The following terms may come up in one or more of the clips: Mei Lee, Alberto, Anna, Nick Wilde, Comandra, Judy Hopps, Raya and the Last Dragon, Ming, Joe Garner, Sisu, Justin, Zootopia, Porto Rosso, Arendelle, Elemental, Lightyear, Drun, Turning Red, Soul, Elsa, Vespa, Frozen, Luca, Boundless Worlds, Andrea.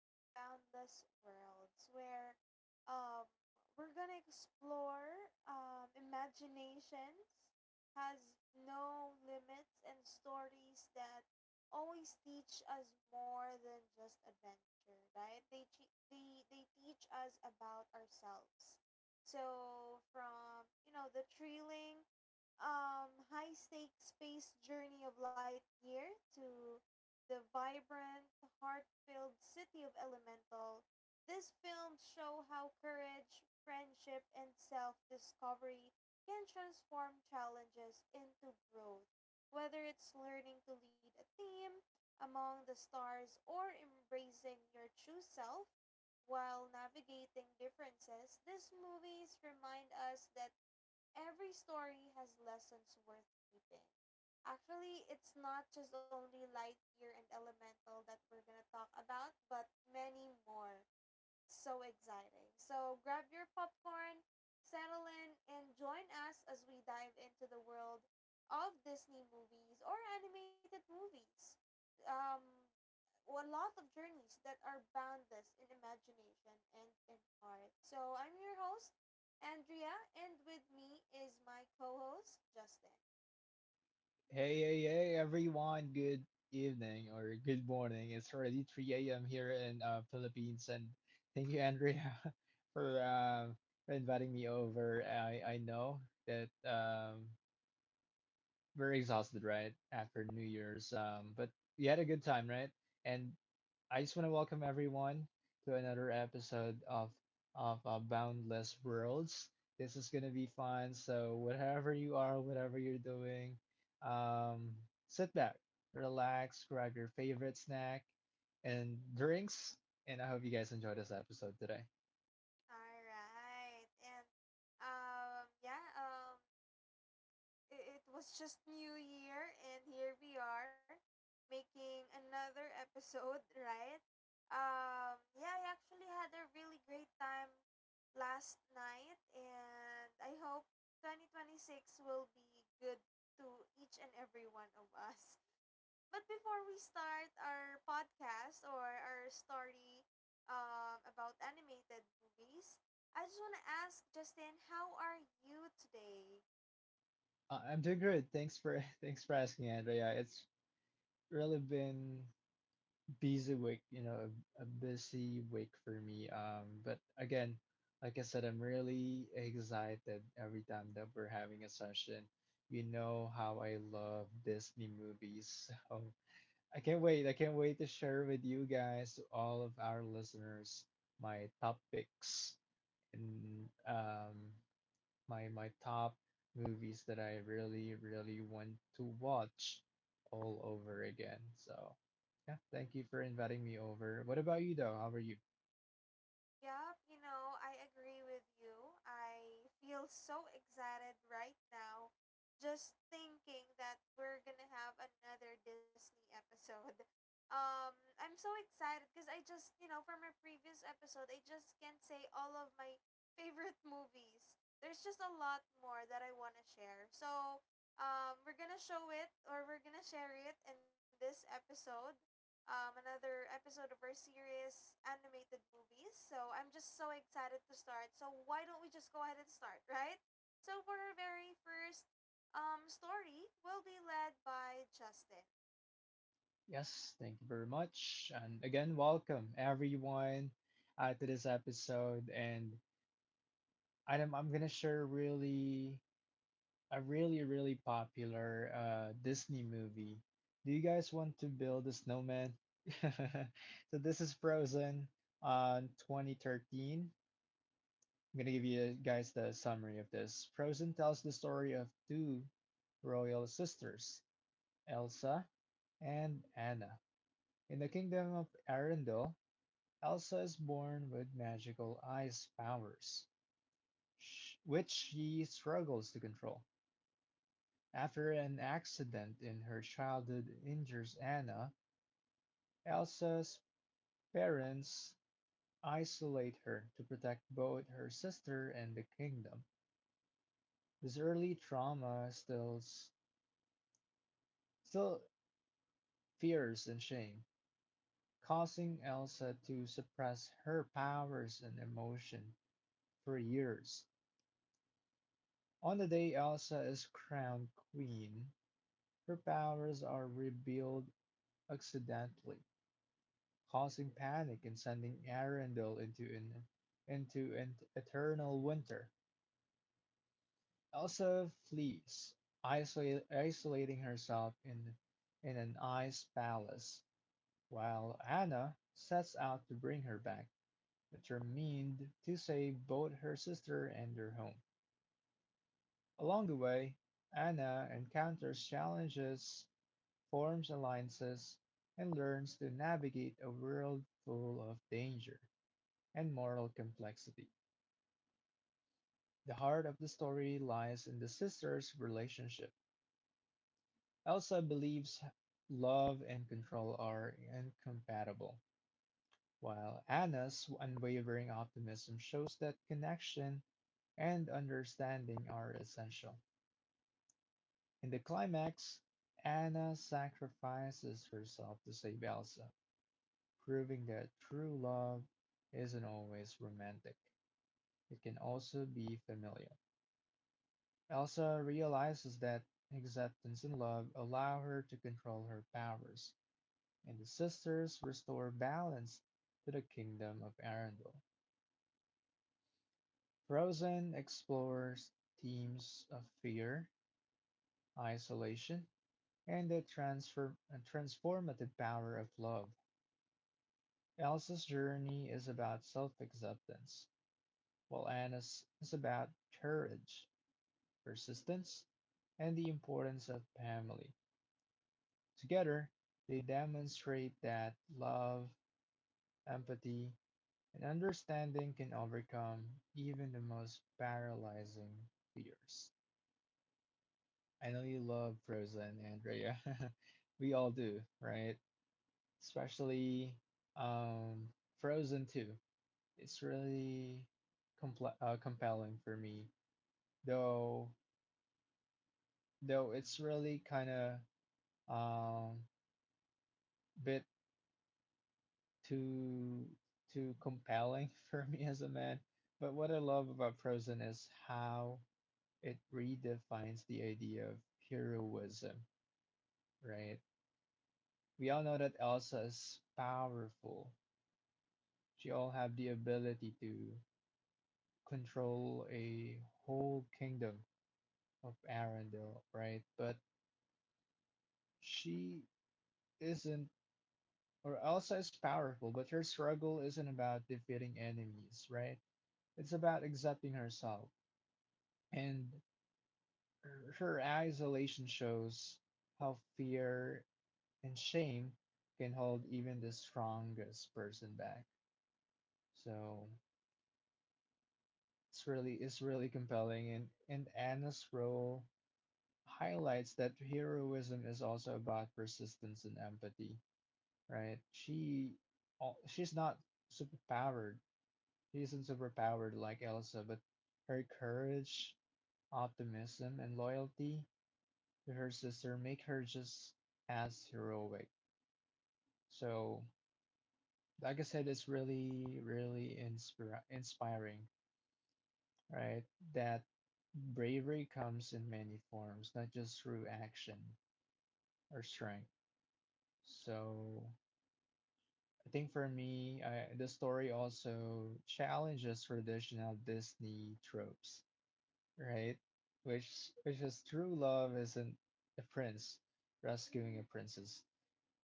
to Boundless Worlds, where um, we're gonna explore imaginations has no limits and stories that always teach us more than just adventure, right? They che- they teach us about ourselves. So from the thrilling high stakes space journey of light year to the vibrant, heart filled city of Elemental, these films show how courage, friendship, and self discovery can transform challenges into growth. Whether it's learning to lead a team among the stars, or embracing your true self while navigating differences, these movies remind us that every story has lessons worth keeping. Actually, it's not just only Lightyear and Elemental that we're gonna talk about, but many more, so exciting. So grab your popcorn, settle in, and join us as we dive into the world of Disney movies or animated movies. Um, a lot of journeys that are boundless in imagination and in heart. So I'm your host, Andrea, and with me is my co-host Justin. Hey, hey, hey, everyone. Good evening or good morning. It's already 3 a.m. here in Philippines, and thank you, Andrea, for uh, for inviting me over. I know that we're exhausted, right, after New Year's, but we had a good time, right? And I just want to welcome everyone to another episode of Boundless Worlds. This is gonna be fun. So whatever you are, whatever you're doing, sit back, relax, grab your favorite snack and drinks, and I hope you guys enjoy this episode today. All right, and um, yeah, um, it was just New Year, and here we are making another episode, right? Yeah, I actually had a really great time last night, and I hope 2026 will be good to each and every one of us. But before we start our podcast or our story about animated movies, I just want to ask Justin, how are you today? I'm doing good. Thanks for thanks for asking, Andrea. It's really been busy week, you know, a busy week for me. But again, like I said, I'm really excited every time that we're having a session. You know how I love Disney movies. So I can't wait. I can't wait to share with you guys, to all of our listeners, my top picks and my top movies that I really really want to watch all over again. So, yeah, thank you for inviting me over. What about you though? How are you? Yep, you know, I agree with you. I feel so excited right now just thinking that we're gonna have another Disney episode. Um, I'm so excited because I just, you know, from our previous episode, I just can't say all of my favorite movies. There's just a lot more that I want to share. So, we're gonna show it or we're gonna share it in this episode, another episode of our series, Animated Movies. So I'm just so excited to start. So why don't we just go ahead and start, right? So for our very first story, will be led by Justin. Yes, thank you very much. And again, welcome everyone to this episode. And I'm gonna share really a really really popular Disney movie. Do you guys want to build a snowman? So this is Frozen on 2013. I'm gonna give you guys the summary of this. Frozen tells the story of two royal sisters, Elsa and Anna. In the kingdom of Arendelle, Elsa is born with magical ice powers, which she struggles to control. After an accident in her childhood injures Anna, Elsa's parents isolate her to protect both her sister and the kingdom. This early trauma still fears and shame, causing Elsa to suppress her powers and emotion for years. On the day Elsa is crowned queen, her powers are revealed accidentally, causing panic and sending Arendelle into an eternal winter. Elsa flees, isolating herself in an ice palace, while Anna sets out to bring her back. Determined to save both her sister and their home. Along the way, Anna encounters challenges, forms alliances, and learns to navigate a world full of danger and moral complexity. The heart of the story lies in the sisters' relationship. Elsa believes love and control are incompatible, while Anna's unwavering optimism shows that connection and understanding are essential. In the climax, Anna sacrifices herself to save Elsa, proving that true love isn't always romantic. It can also be familial. Elsa realizes that acceptance and love allow her to control her powers, and the sisters restore balance to the kingdom of Arendelle. Frozen explores themes of fear, isolation, and the transformative power of love. Elsa's journey is about self acceptance, while Anna's is about courage, persistence, and the importance of family. Together, they demonstrate that love, empathy, and understanding can overcome even the most paralyzing fears. I know you love Frozen, Andrea. We all do, right? Especially Frozen 2. It's really compl compelling for me, though though it's really kind of um bit too too compelling for me as a man. But what I love about Frozen is how it redefines the idea of heroism, right? We all know that Elsa is powerful. She all have the ability to control a whole kingdom of Arendelle, right? But she isn't, or Elsa is powerful, but her struggle isn't about defeating enemies, right? It's about accepting herself. And her isolation shows how fear and shame can hold even the strongest person back. So it's really compelling and Anna's role highlights that heroism is also about persistence and empathy, right? She's not superpowered. He isn't superpowered like Elsa, but her courage, optimism, and loyalty to her sister make her just as heroic. So, like I said, it's really, really inspiring, right? That bravery comes in many forms, not just through action or strength. So, I think for me, I, the story also challenges traditional Disney tropes, right? Which is true love isn't a prince rescuing a princess.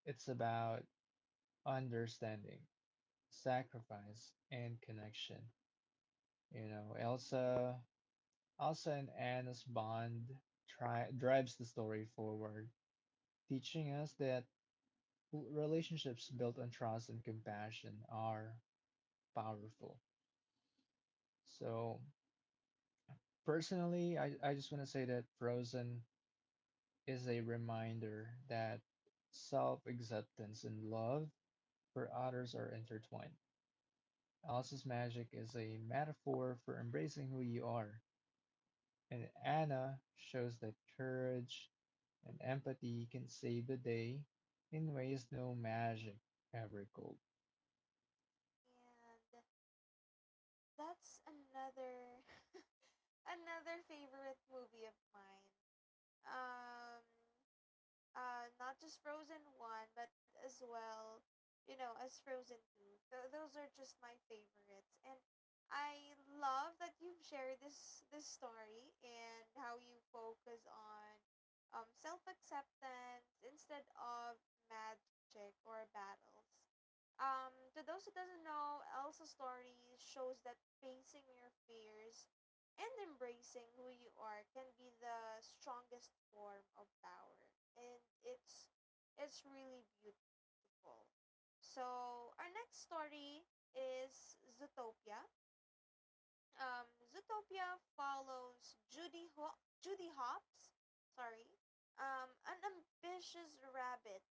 It's about understanding, sacrifice, and connection. You know, Elsa and Anna's bond tri drives the story forward, teaching us that relationships built on trust and compassion are powerful. So personally, I just want to say that Frozen is a reminder that self-acceptance and love for others are intertwined. Alice's magic is a metaphor for embracing who you are, and Anna shows that courage and empathy can save the day in ways no magic ever could. And that's another another favorite movie of mine. Um, Not just Frozen 1, but as well, you know, as Frozen 2. Those are just my favorites. And I love that you've shared this story and how you focus on self-acceptance instead of magic or battles. To those who doesn't know, Elsa's story shows that facing your fears and embracing who you are can be the strongest form of power, and it's really beautiful. So our next story is Zootopia. Zootopia follows Judy Hopps, sorry, an ambitious rabbit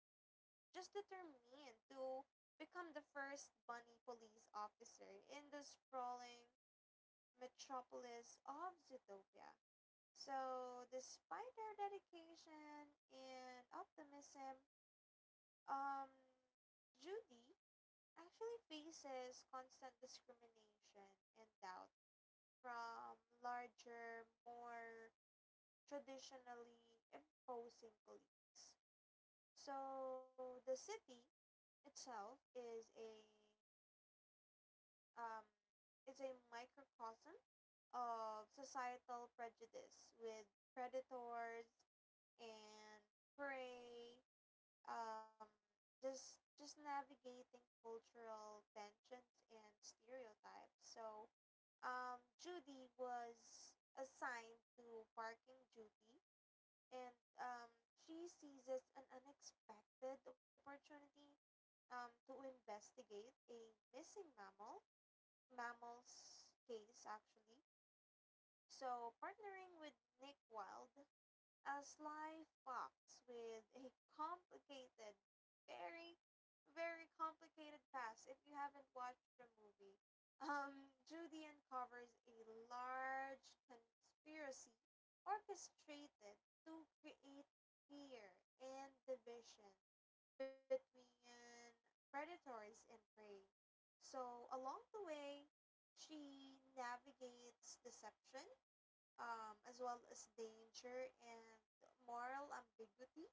just determined to become the first bunny police officer in the sprawling metropolis of Zootopia. So, despite their dedication and optimism, um, Judy actually faces constant discrimination and doubt from larger, more traditionally imposing colleagues. So, the city itself is a um, it's a microcosm of societal prejudice with predators and pray. Um, just navigating cultural tensions and stereotypes. So, Judy was assigned to parking duty, and um, she seizes an unexpected opportunity to investigate a missing mammal's case actually. So, partnering with Nick Wilde, a sly fox with a complicated, very, very complicated past. If you haven't watched the movie, Judy uncovers a large conspiracy orchestrated to create fear and division between predators and prey. So, along the way, she navigates deception, as well as danger and moral ambiguity.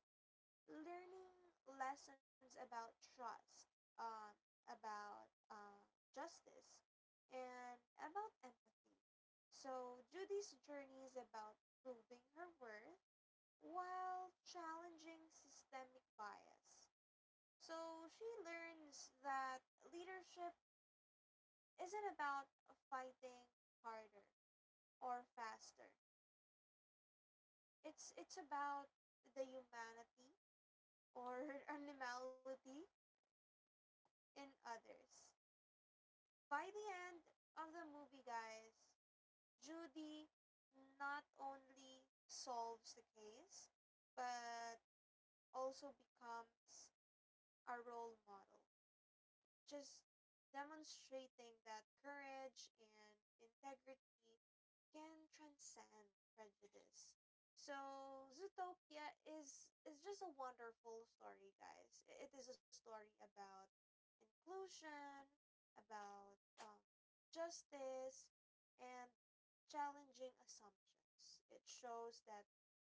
Learning lessons about trust, um, about uh, justice, and about empathy. So, Judy's journey is about proving her worth while challenging systemic bias. So, she learns that leadership isn't about fighting harder or faster. It's about the humanity or animality in others. By the end of the movie, guys, Judy not only solves the case but also becomes a role model, just demonstrating that courage and integrity can transcend prejudice. So Zootopia is just a wonderful story, guys. I- It is a story about inclusion, about justice, and challenging assumptions. It shows that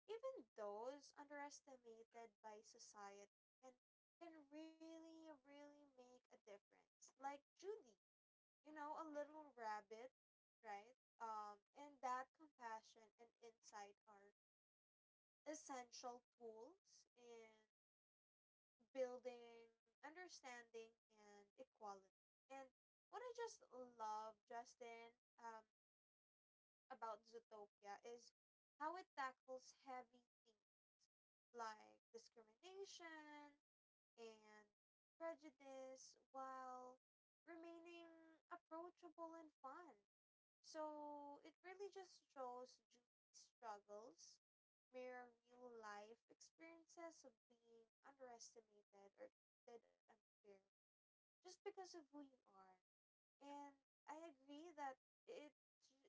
even those underestimated by society can can really really make a difference, like Judy, you know, a little rabbit, right? And that compassion and insight are essential tools in building understanding and equality. And what I just love, Justin, um about Zootopia is how it tackles heavy themes like discrimination and prejudice while remaining approachable and fun. So it really just shows Judy's struggles mirror real life experiences of being underestimated or treated unfairly just because of who you are. And I agree that it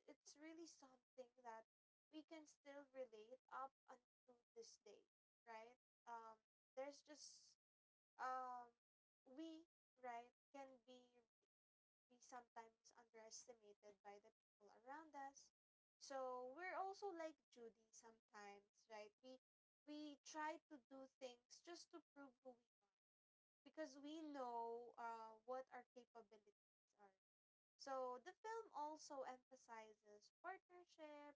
it's really something that we can still relate up until this day, right? Um, there's just um, we right can be sometimes underestimated by the people around us. So we're also like Judy sometimes, right? We try to do things just to prove who we are because we know what our capabilities are. So the film also emphasizes partnership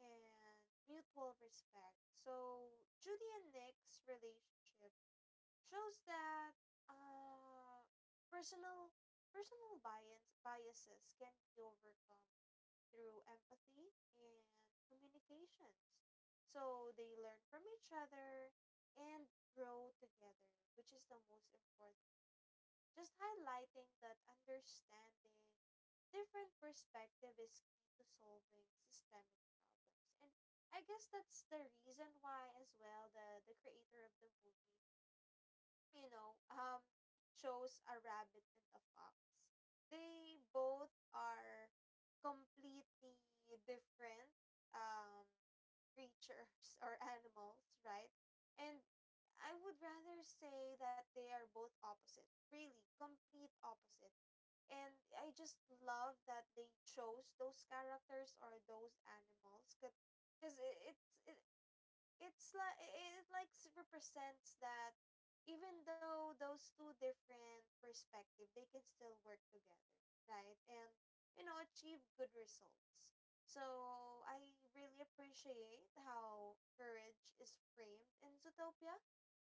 and mutual respect. So Judy and Nick's relationship shows that uh, personal personal biases can be overcome through empathy and communications. So they learn from each other and grow together, which is the most important, just highlighting that understanding different perspective is key to solving systemic problems. And I guess that's the reason why as well the creator of the movie, you know, chose a rabbit and a fox. They both are completely different, um, creatures or animals, right? And I would rather say that they are both opposite, really, complete opposite. And I just love that they chose those characters or those animals because it's it, it's like it like s- represents that even though those two different perspective, they can still work together, right? And you know, achieve good results. So I really appreciate how courage is framed in Zootopia.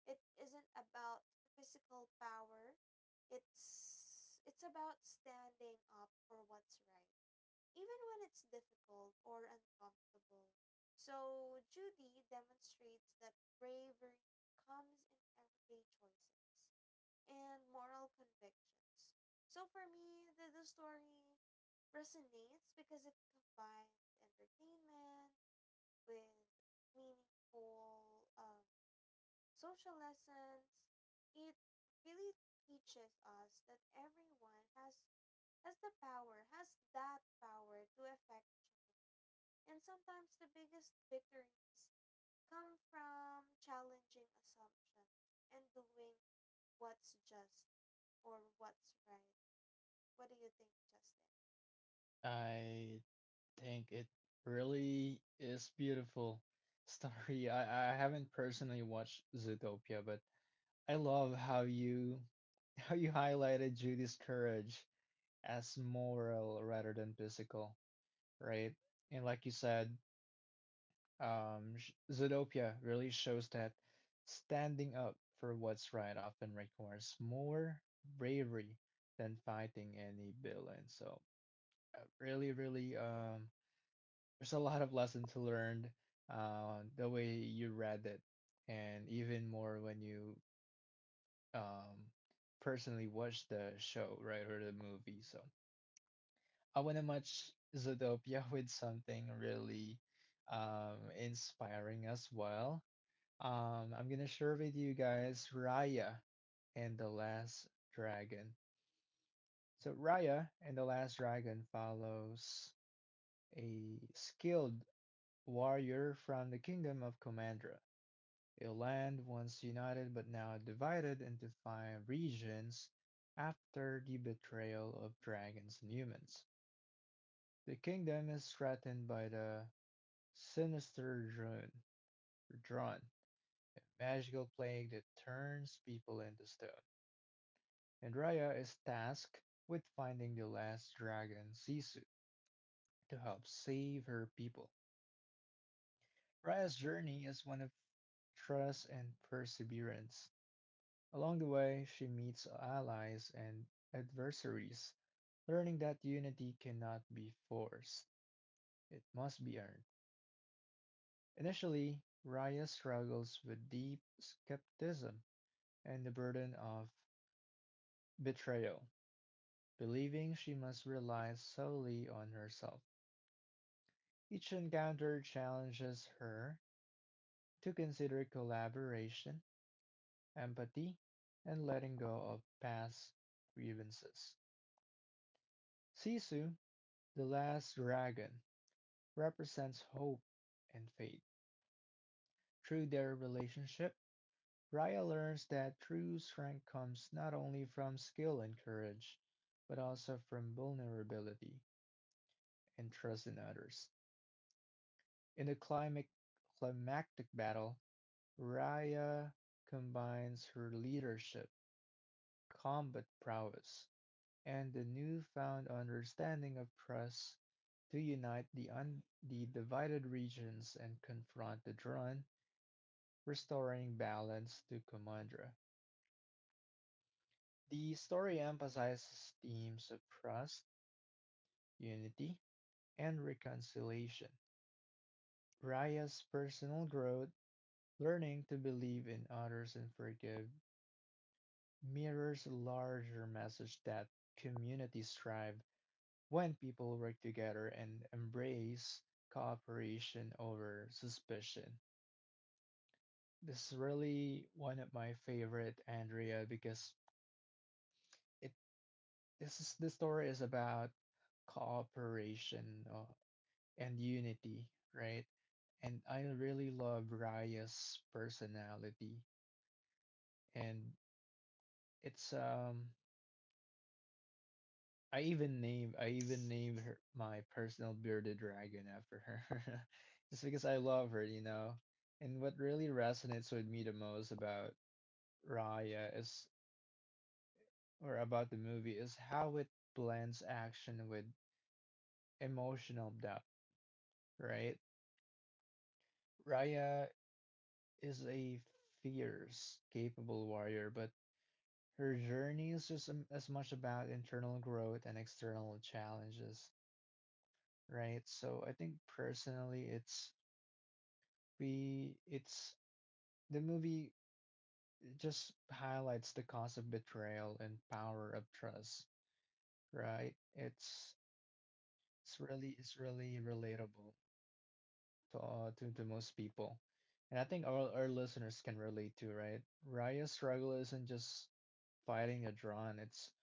It isn't about physical power. It's about standing up for what's right even when it's difficult or uncomfortable. So, Judy demonstrates that bravery comes in everyday choices and moral convictions. So, for me, the story resonates because it combines entertainment with meaningful social lessons. It really teaches us that everyone has that power to affect change. And sometimes the biggest victories come from challenging assumptions and doing what's just or what's right. What do you think, Justin? I think it really is beautiful story. I haven't personally watched Zootopia, but I love how you highlighted Judy's courage as moral rather than physical, right? And like you said, Zootopia really shows that standing up for what's right often requires more bravery than fighting any villain. So, really, really, there's a lot of lesson to learn the way you read it, and even more when you um, personally watch the show, right, or the movie. So. I want to match Zootopia with something really inspiring as well. I'm gonna share with you guys Raya and the Last Dragon. So Raya and the Last Dragon follows a skilled warrior from the kingdom of Comandra, a land once united but now divided into five regions after the betrayal of dragons and humans. The kingdom is threatened by the sinister drone, drawn, a magical plague that turns people into stone. And Raya is tasked with finding the last dragon, Sisu, to help save her people. Raya's journey is one of trust and perseverance. Along the way, she meets allies and adversaries, learning that unity cannot be forced, it must be earned. Initially, Raya struggles with deep skepticism and the burden of betrayal, believing she must rely solely on herself. Each encounter challenges her to consider collaboration, empathy, and letting go of past grievances. Sisu, the last dragon, represents hope and faith. Through their relationship, Raya learns that true strength comes not only from skill and courage, but also from vulnerability and trust in others. In the climactic battle, Raya combines her leadership, combat prowess, and the newfound understanding of Prus to unite the divided regions and confront the Drun, restoring balance to Commandra. The story emphasizes themes of trust, unity, and reconciliation. Raya's personal growth, learning to believe in others and forgive, mirrors a larger message that communities thrive when people work together and embrace cooperation over suspicion. This is really one of my favorite, Andrea, because it this is the story is about cooperation and unity, right? And I really love Raya's personality, and it's I even named her my personal bearded dragon after her, just because I love her, you know. And what really resonates with me the most about Raya is, or about the movie, is how it blends action with emotional depth, right? Raya is a fierce, capable warrior, but her journey is just as much about internal growth and external challenges, right? So I think personally, it's we it's the movie just highlights the cost of betrayal and power of trust, right? It's really it's really relatable to to most people. And I think all our listeners can relate to, right? Raya's struggle isn't just fighting a drawn, it's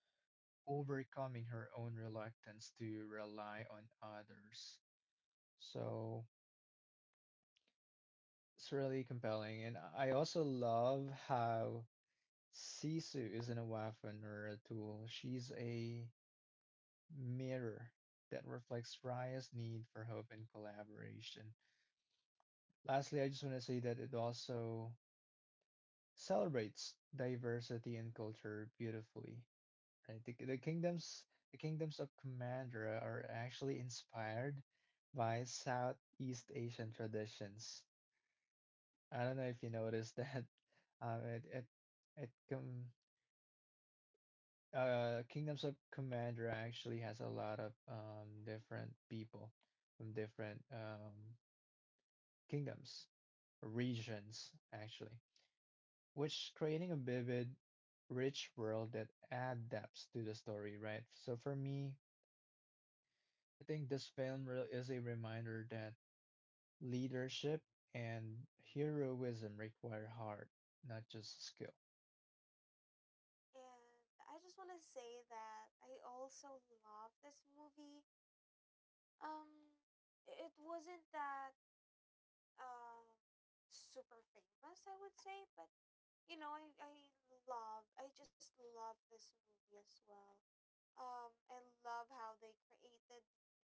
overcoming her own reluctance to rely on others. So it's really compelling, and I also love how Sisu isn't a weapon or a tool. She's a mirror that reflects Raya's need for hope and collaboration. Lastly, I just want to say that it also celebrates diversity and culture beautifully. Right? The kingdoms of Commandra are actually inspired by Southeast Asian traditions. I don't know if you noticed that. It it it com Kingdoms of Commander actually has a lot of different people from different kingdoms regions actually, which creating a vivid, rich world that add depth to the story, right? So for me, I think this film really is a reminder that leadership and heroism require heart, not just skill. And I just want to say that I also love this movie. Um, it wasn't that um super famous, I would say, but you know, I love, I just love this movie as well. I love how they created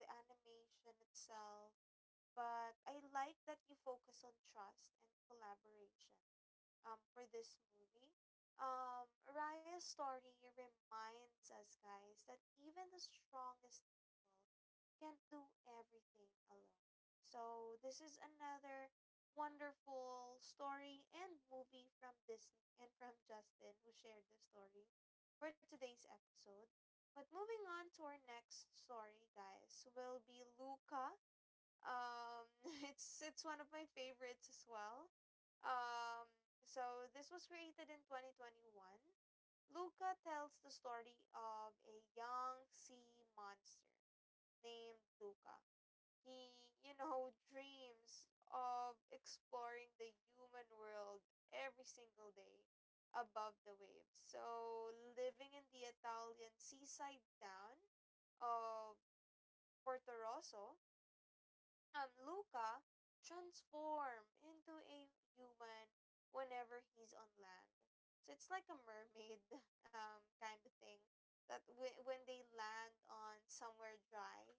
the animation itself, but I like that you focus on trust and collaboration for this movie. Raya's story reminds us, guys, that even the strongest people can't do everything alone. So, this is another wonderful story and movie from Disney and from Justin, who shared the story for today's episode. But moving on to our next story, guys, will be Luca. um, it's one of my favorites as well. Um, so this was created in 2021. Luca tells the story of a young sea monster named Luca. He, you know, dreams of exploring the human world every single day above the waves. So, living in the Italian seaside town of Porto Rosso, Luca transform into a human whenever he's on land. So it's like a mermaid kind of thing that when they land on somewhere dry,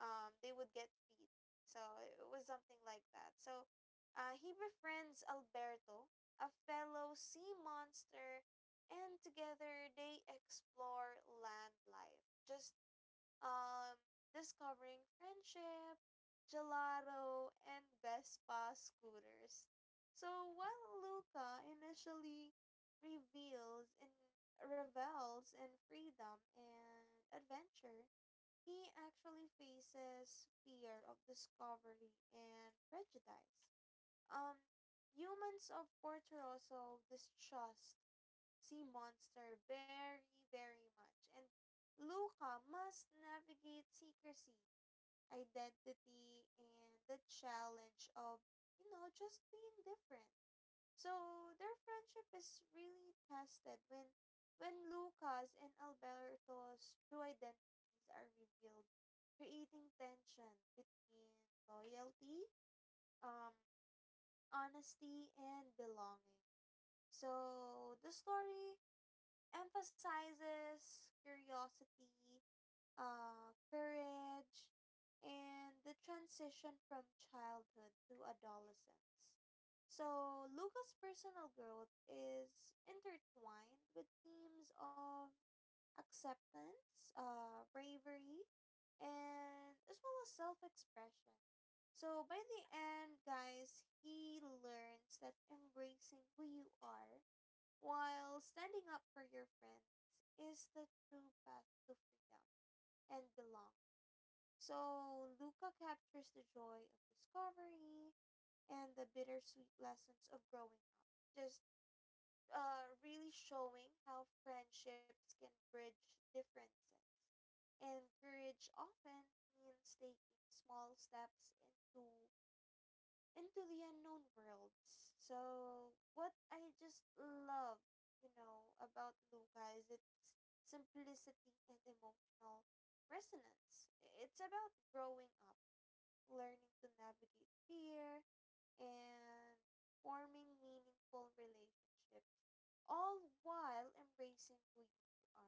they would get feet. So it was something like that. So he befriends Alberto, a fellow sea monster, and together they explore land life, just um, discovering friendship, gelato, and Vespa scooters. So while Luca initially reveals and revels in freedom and adventure, he actually faces fear of discovery and prejudice. Um, humans of Porto Rosso distrust sea monster very, very much. And Luca must navigate secrecy, identity, and the challenge of, you know, just being different. So their friendship is really tested when Luca's and Alberto's true identities are revealed, creating tension between loyalty, um, honesty, and belonging. So the story emphasizes curiosity, courage, and the transition from childhood to adolescence. So, Luca's personal growth is intertwined with themes of acceptance, bravery, and as well as self expression. So by the end, guys, he learns that embracing who you are while standing up for your friends is the true path to freedom and belong. So Luca captures the joy of discovery and the bittersweet lessons of growing up. Just Really showing how friendships can bridge differences. And courage often means taking small steps into the unknown worlds. So, what I just love, you know, about Luca is its simplicity and emotional resonance. It's about growing up, learning to navigate fear, and forming meaningful relationships, all while embracing who you are.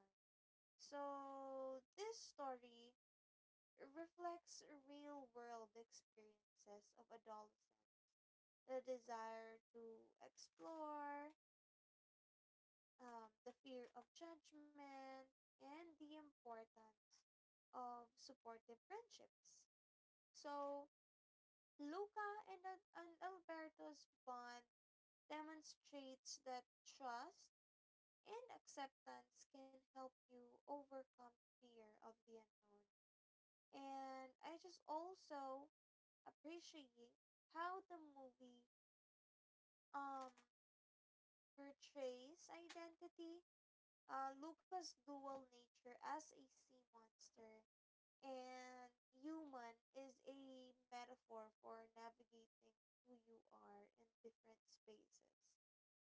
So, this story reflects real world experiences of adolescence, the desire to explore, the fear of judgment, and the importance of supportive friendships. So, Luca and Alberto's bond demonstrates that trust and acceptance can help you overcome fear of the unknown. And I just also appreciate how the movie um portrays identity. Luca's dual nature as a sea monster and human is a metaphor for navigating who you are in different spaces.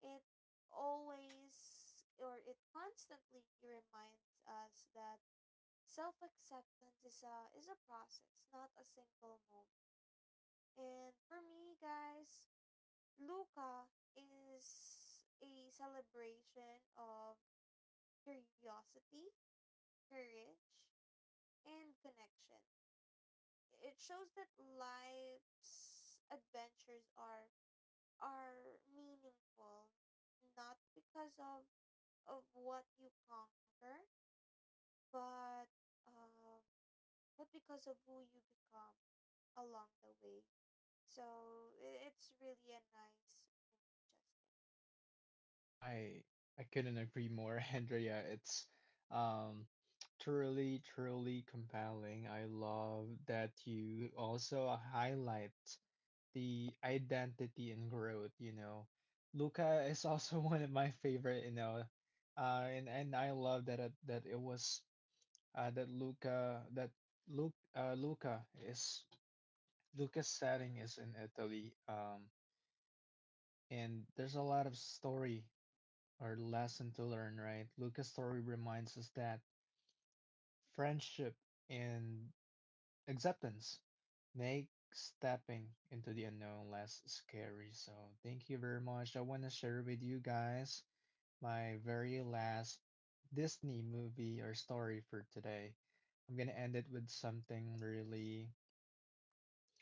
It always or it constantly reminds us that self acceptance is a process, not a single moment. And for me guys, Luca is a celebration of curiosity, courage, and connection. It shows that life's adventures are meaningful not because of what you conquer, but um but because of who you become along the way. So it's really a nice movie, Justin. I I couldn't agree more, Andrea. It's um truly, truly compelling. I love that you also highlight the identity and growth, you know. Luca is also one of my favorite, you know. And I love that it was that Luca that Luke Luca's setting is in Italy. And there's a lot of story our lesson to learn, right? Lucas' story reminds us that friendship and acceptance make stepping into the unknown less scary. So, thank you very much. I want to share with you guys my very last Disney movie or story for today. I'm going to end it with something really,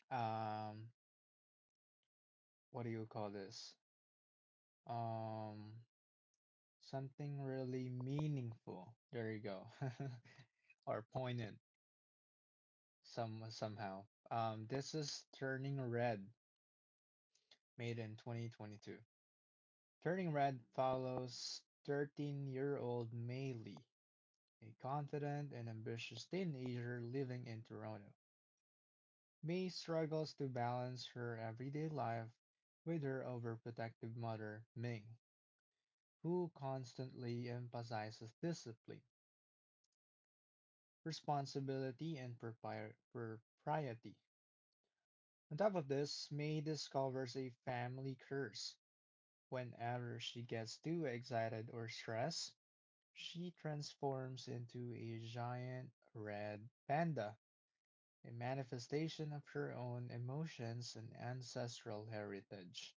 um, what do you call this? Um, something really meaningful. There you go. or poignant somehow. This is Turning Red, made in 2022. Turning Red follows 13-year-old Mei Lee, a confident and ambitious teenager living in Toronto. Mei struggles to balance her everyday life with her overprotective mother, Ming, who constantly emphasizes discipline, responsibility, and propriety. On top of this, Mei discovers a family curse. Whenever she gets too excited or stressed, she transforms into a giant red panda, a manifestation of her own emotions and ancestral heritage.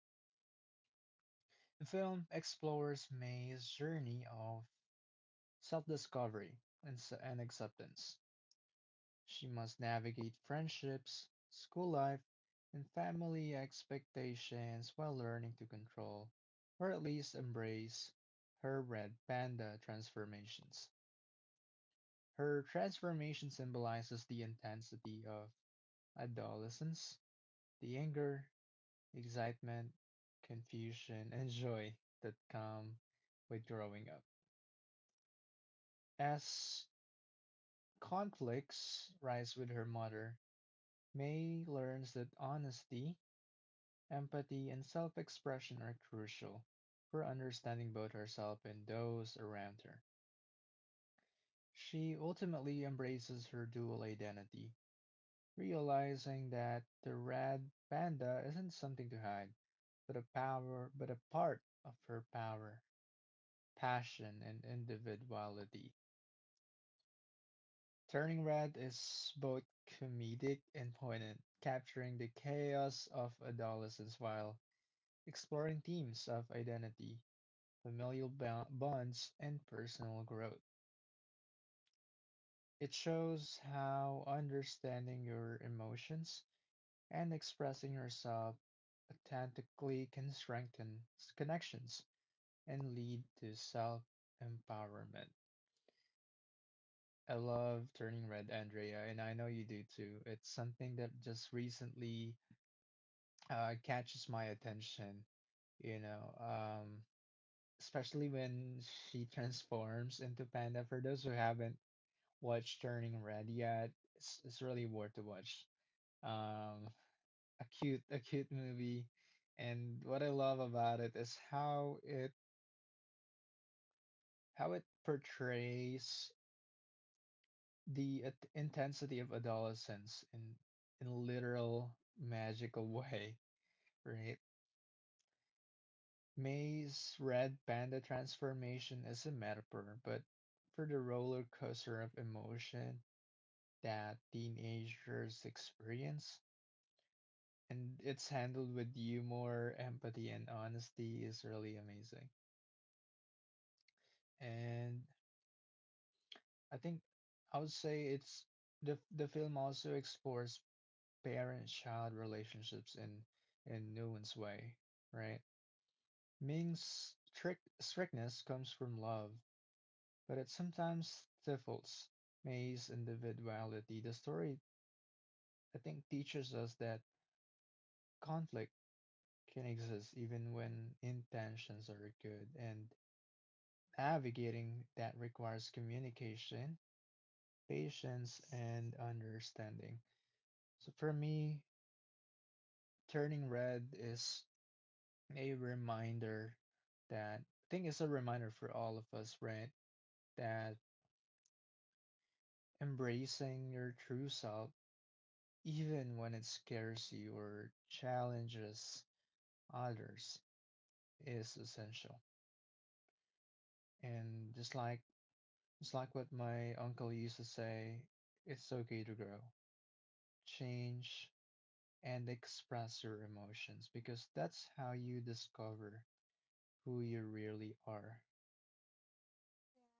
The film explores May's journey of self discovery and acceptance. She must navigate friendships, school life, and family expectations while learning to control, or at least embrace, her red panda transformations. Her transformation symbolizes the intensity of adolescence, the anger, excitement, confusion, and joy that come with growing up. As conflicts rise with her mother, May learns that honesty, empathy and self expression are crucial for understanding both herself and those around her. She ultimately embraces her dual identity, realizing that the red panda isn't something to hide, but a power, but a part of her power, passion, and individuality. Turning Red is both comedic and poignant, capturing the chaos of adolescence while exploring themes of identity, familial bonds, and personal growth. It shows how understanding your emotions and expressing yourself authentically can strengthen connections and lead to self empowerment. I love Turning Red, Andrea, and I know you do too. It's something that just recently catches my attention, you know, um, especially when she transforms into Panda. For those who haven't watch Turning Red yet, it's really worth to watch. Um, a cute movie, and what I love about it is how it portrays the intensity of adolescence in a literal magical way, right? May's red panda transformation is a metaphor, but for the roller coaster of emotion that teenagers experience, and it's handled with humor, empathy, and honesty is really amazing. And I think I would say it's the film also explores parent-child relationships in nuanced way, right? Ming's trick strictness comes from love, but it sometimes stifles May's individuality. The story, I think, teaches us that conflict can exist even when intentions are good, and navigating that requires communication, patience, and understanding. So for me, turning red is a reminder that, I think, it's a reminder for all of us, right? That embracing your true self, even when it scares you or challenges others, is essential. And just like what my uncle used to say, it's okay to grow, change, and express your emotions because that's how you discover who you really are.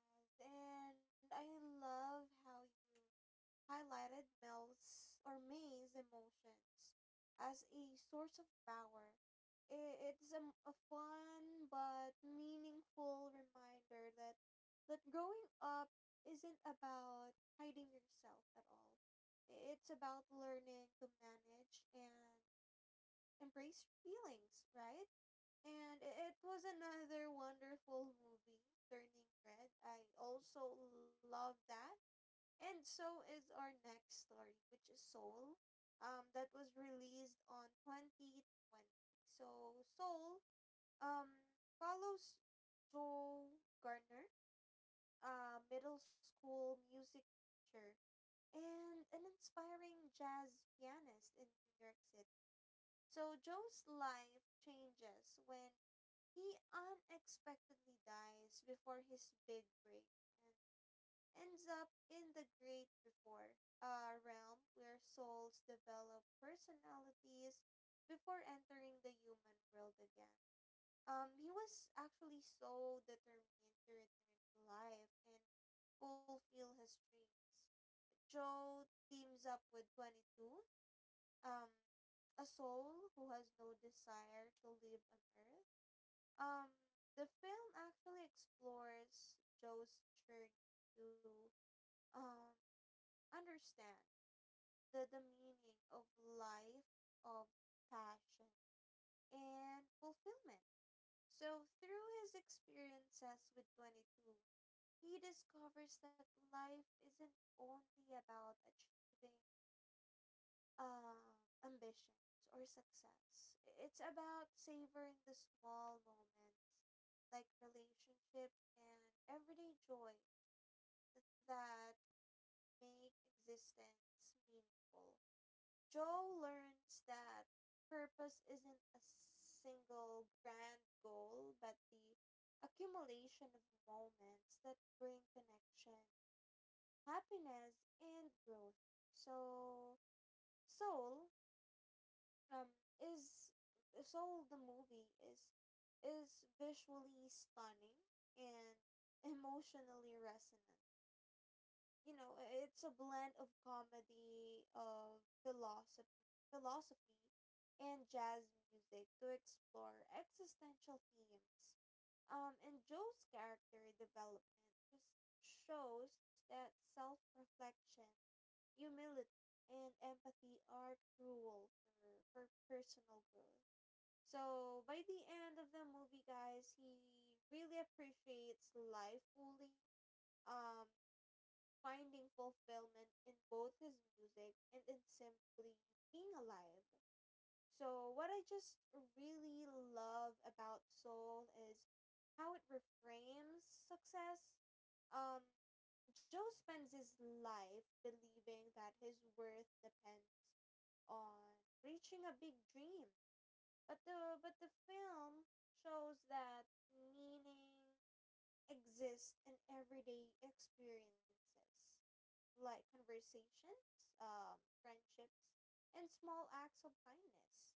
Yes, and I love how you highlighted Mel's or May's emotions as a source of power. It's a, a fun but meaningful reminder that growing up isn't about hiding yourself at all. It's about learning to manage and embrace your feelings, right? And it was another wonderful movie, Turning Red. I also love that, and so is our next story, which is Soul, that was released on 2020. So Soul, um, follows Joe Garner, a middle school music teacher and an inspiring jazz pianist in New York City. So Joe's life changes when he unexpectedly dies before his big break and ends up in the great before, a realm where souls develop personalities before entering the human world again. He was actually so determined to return to life and fulfill his dreams. Joe teams up with 22, um, a soul who has no desire to live on Earth. um, the film actually explores Joe's journey to um understand the meaning of life, of passion, and fulfillment. So through his experiences with 22, he discovers that life isn't only about achieving ambitions or success. It's about savoring the small moments, like relationships and everyday joys that make existence meaningful. Joe learns that purpose isn't a single grand goal, but the accumulation of moments that bring connection, happiness, and growth. So, soul um is so the movie is visually stunning and emotionally resonant. you know it's a blend of comedy, of philosophy, and jazz music to explore existential themes. And Joe's character development just shows that self-reflection, humility, and empathy are cruel for personal growth. So by the end of the movie guys, he really appreciates life fully, um finding fulfillment in both his music and in simply being alive. So, what I just really love about Soul is how it reframes success. Um, Joe spends his life believing that his worth depends on reaching a big dream. But the film shows that meaning exists in everyday experiences like conversations, friendships, and small acts of kindness.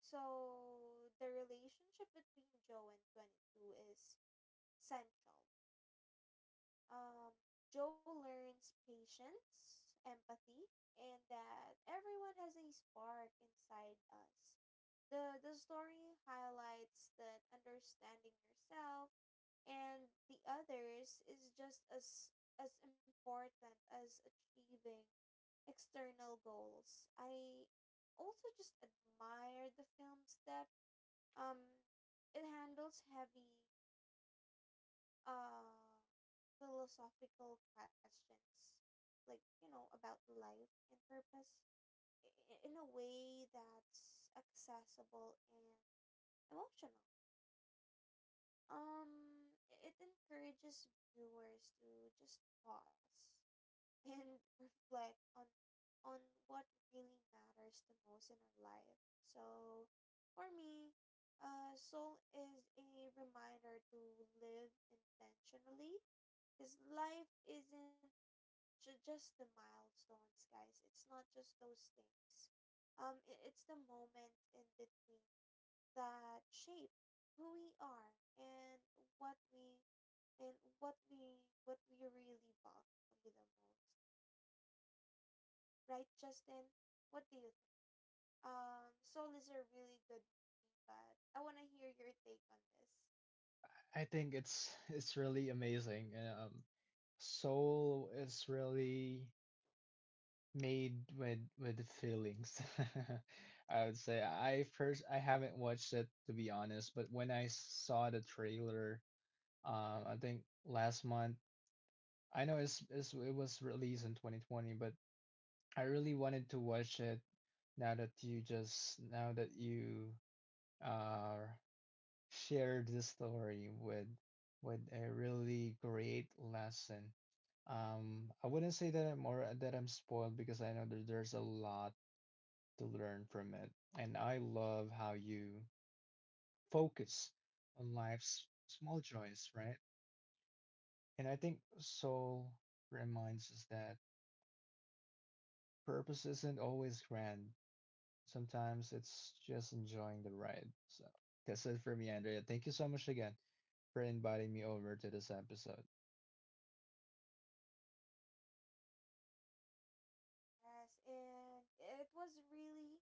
So the relationship between Joe and 22 is central. Um, Joe learns patience, empathy, and that everyone has a spark inside us. The story highlights that understanding yourself and the others is just as important as achieving external goals. I also just admire the film's depth. Um, it handles heavy uh, philosophical questions, like, you know, about life and purpose in a way that's accessible and emotional. It encourages viewers to just pause and reflect on on what really matters the most in our life. So for me, Soul is a reminder to live intentionally, because life isn't just the milestones, guys. It's not just those things. I it's the moments in between that shape who we are and what we what we really value the most, right, Justin? What do you think? Soul is a really good movie, but I want to hear your take on this. I think it's really amazing. Soul is really made with feelings. I would say I haven't watched it to be honest, but when I saw the trailer, I think last month. I know it's it was released in 2020, but I really wanted to watch it now that you uh, shared this story with a really great lesson. I wouldn't say that I'm or that I'm spoiled because I know that there's a lot to learn from it, and I love how you focus on life's small joys, right? And I think Soul reminds us that purpose isn't always grand. Sometimes it's just enjoying the ride. So that's it for me, Andrea. Thank you so much again for inviting me over to this episode. Yes, and it was really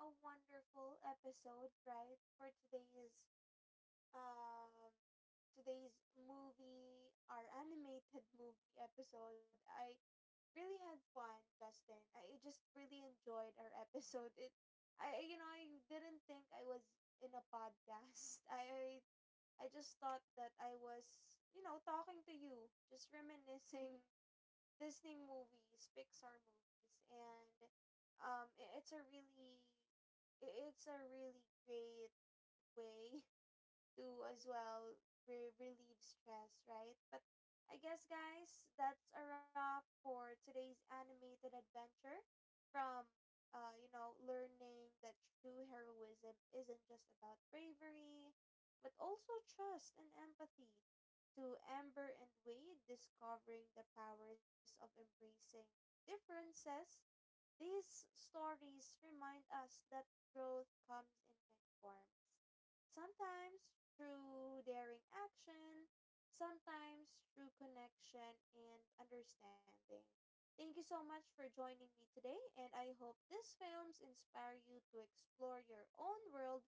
a wonderful episode, right, for um today's movie, our animated movie episode. I really had fun, Justin. I just really enjoyed our episode. I, you know, I didn't think I was in a podcast. I just thought that I was, you know, talking to you, just reminiscing Disney movies, Pixar movies, and it's a really it's a really great way to as well relieve stress, right? But I guess, guys, that's a wrap for today's animated adventure. From, you know, learning that true heroism isn't just about bravery, but also trust and empathy, to Amber and Wade discovering the powers of embracing differences, these stories remind us that growth comes in many forms. Sometimes through daring action, sometimes through connection and understanding. Thank you so much for joining me today, and I hope these films inspire you to explore your own world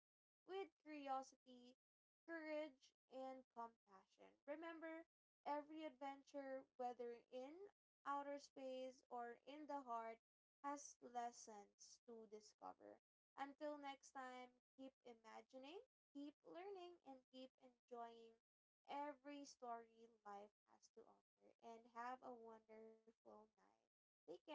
with curiosity, courage, and compassion. Remember, every adventure, whether in outer space or in the heart, has lessons to discover. Until next time, keep imagining, keep learning, and keep enjoying every story life has to offer. And have a wonderful night. Take care.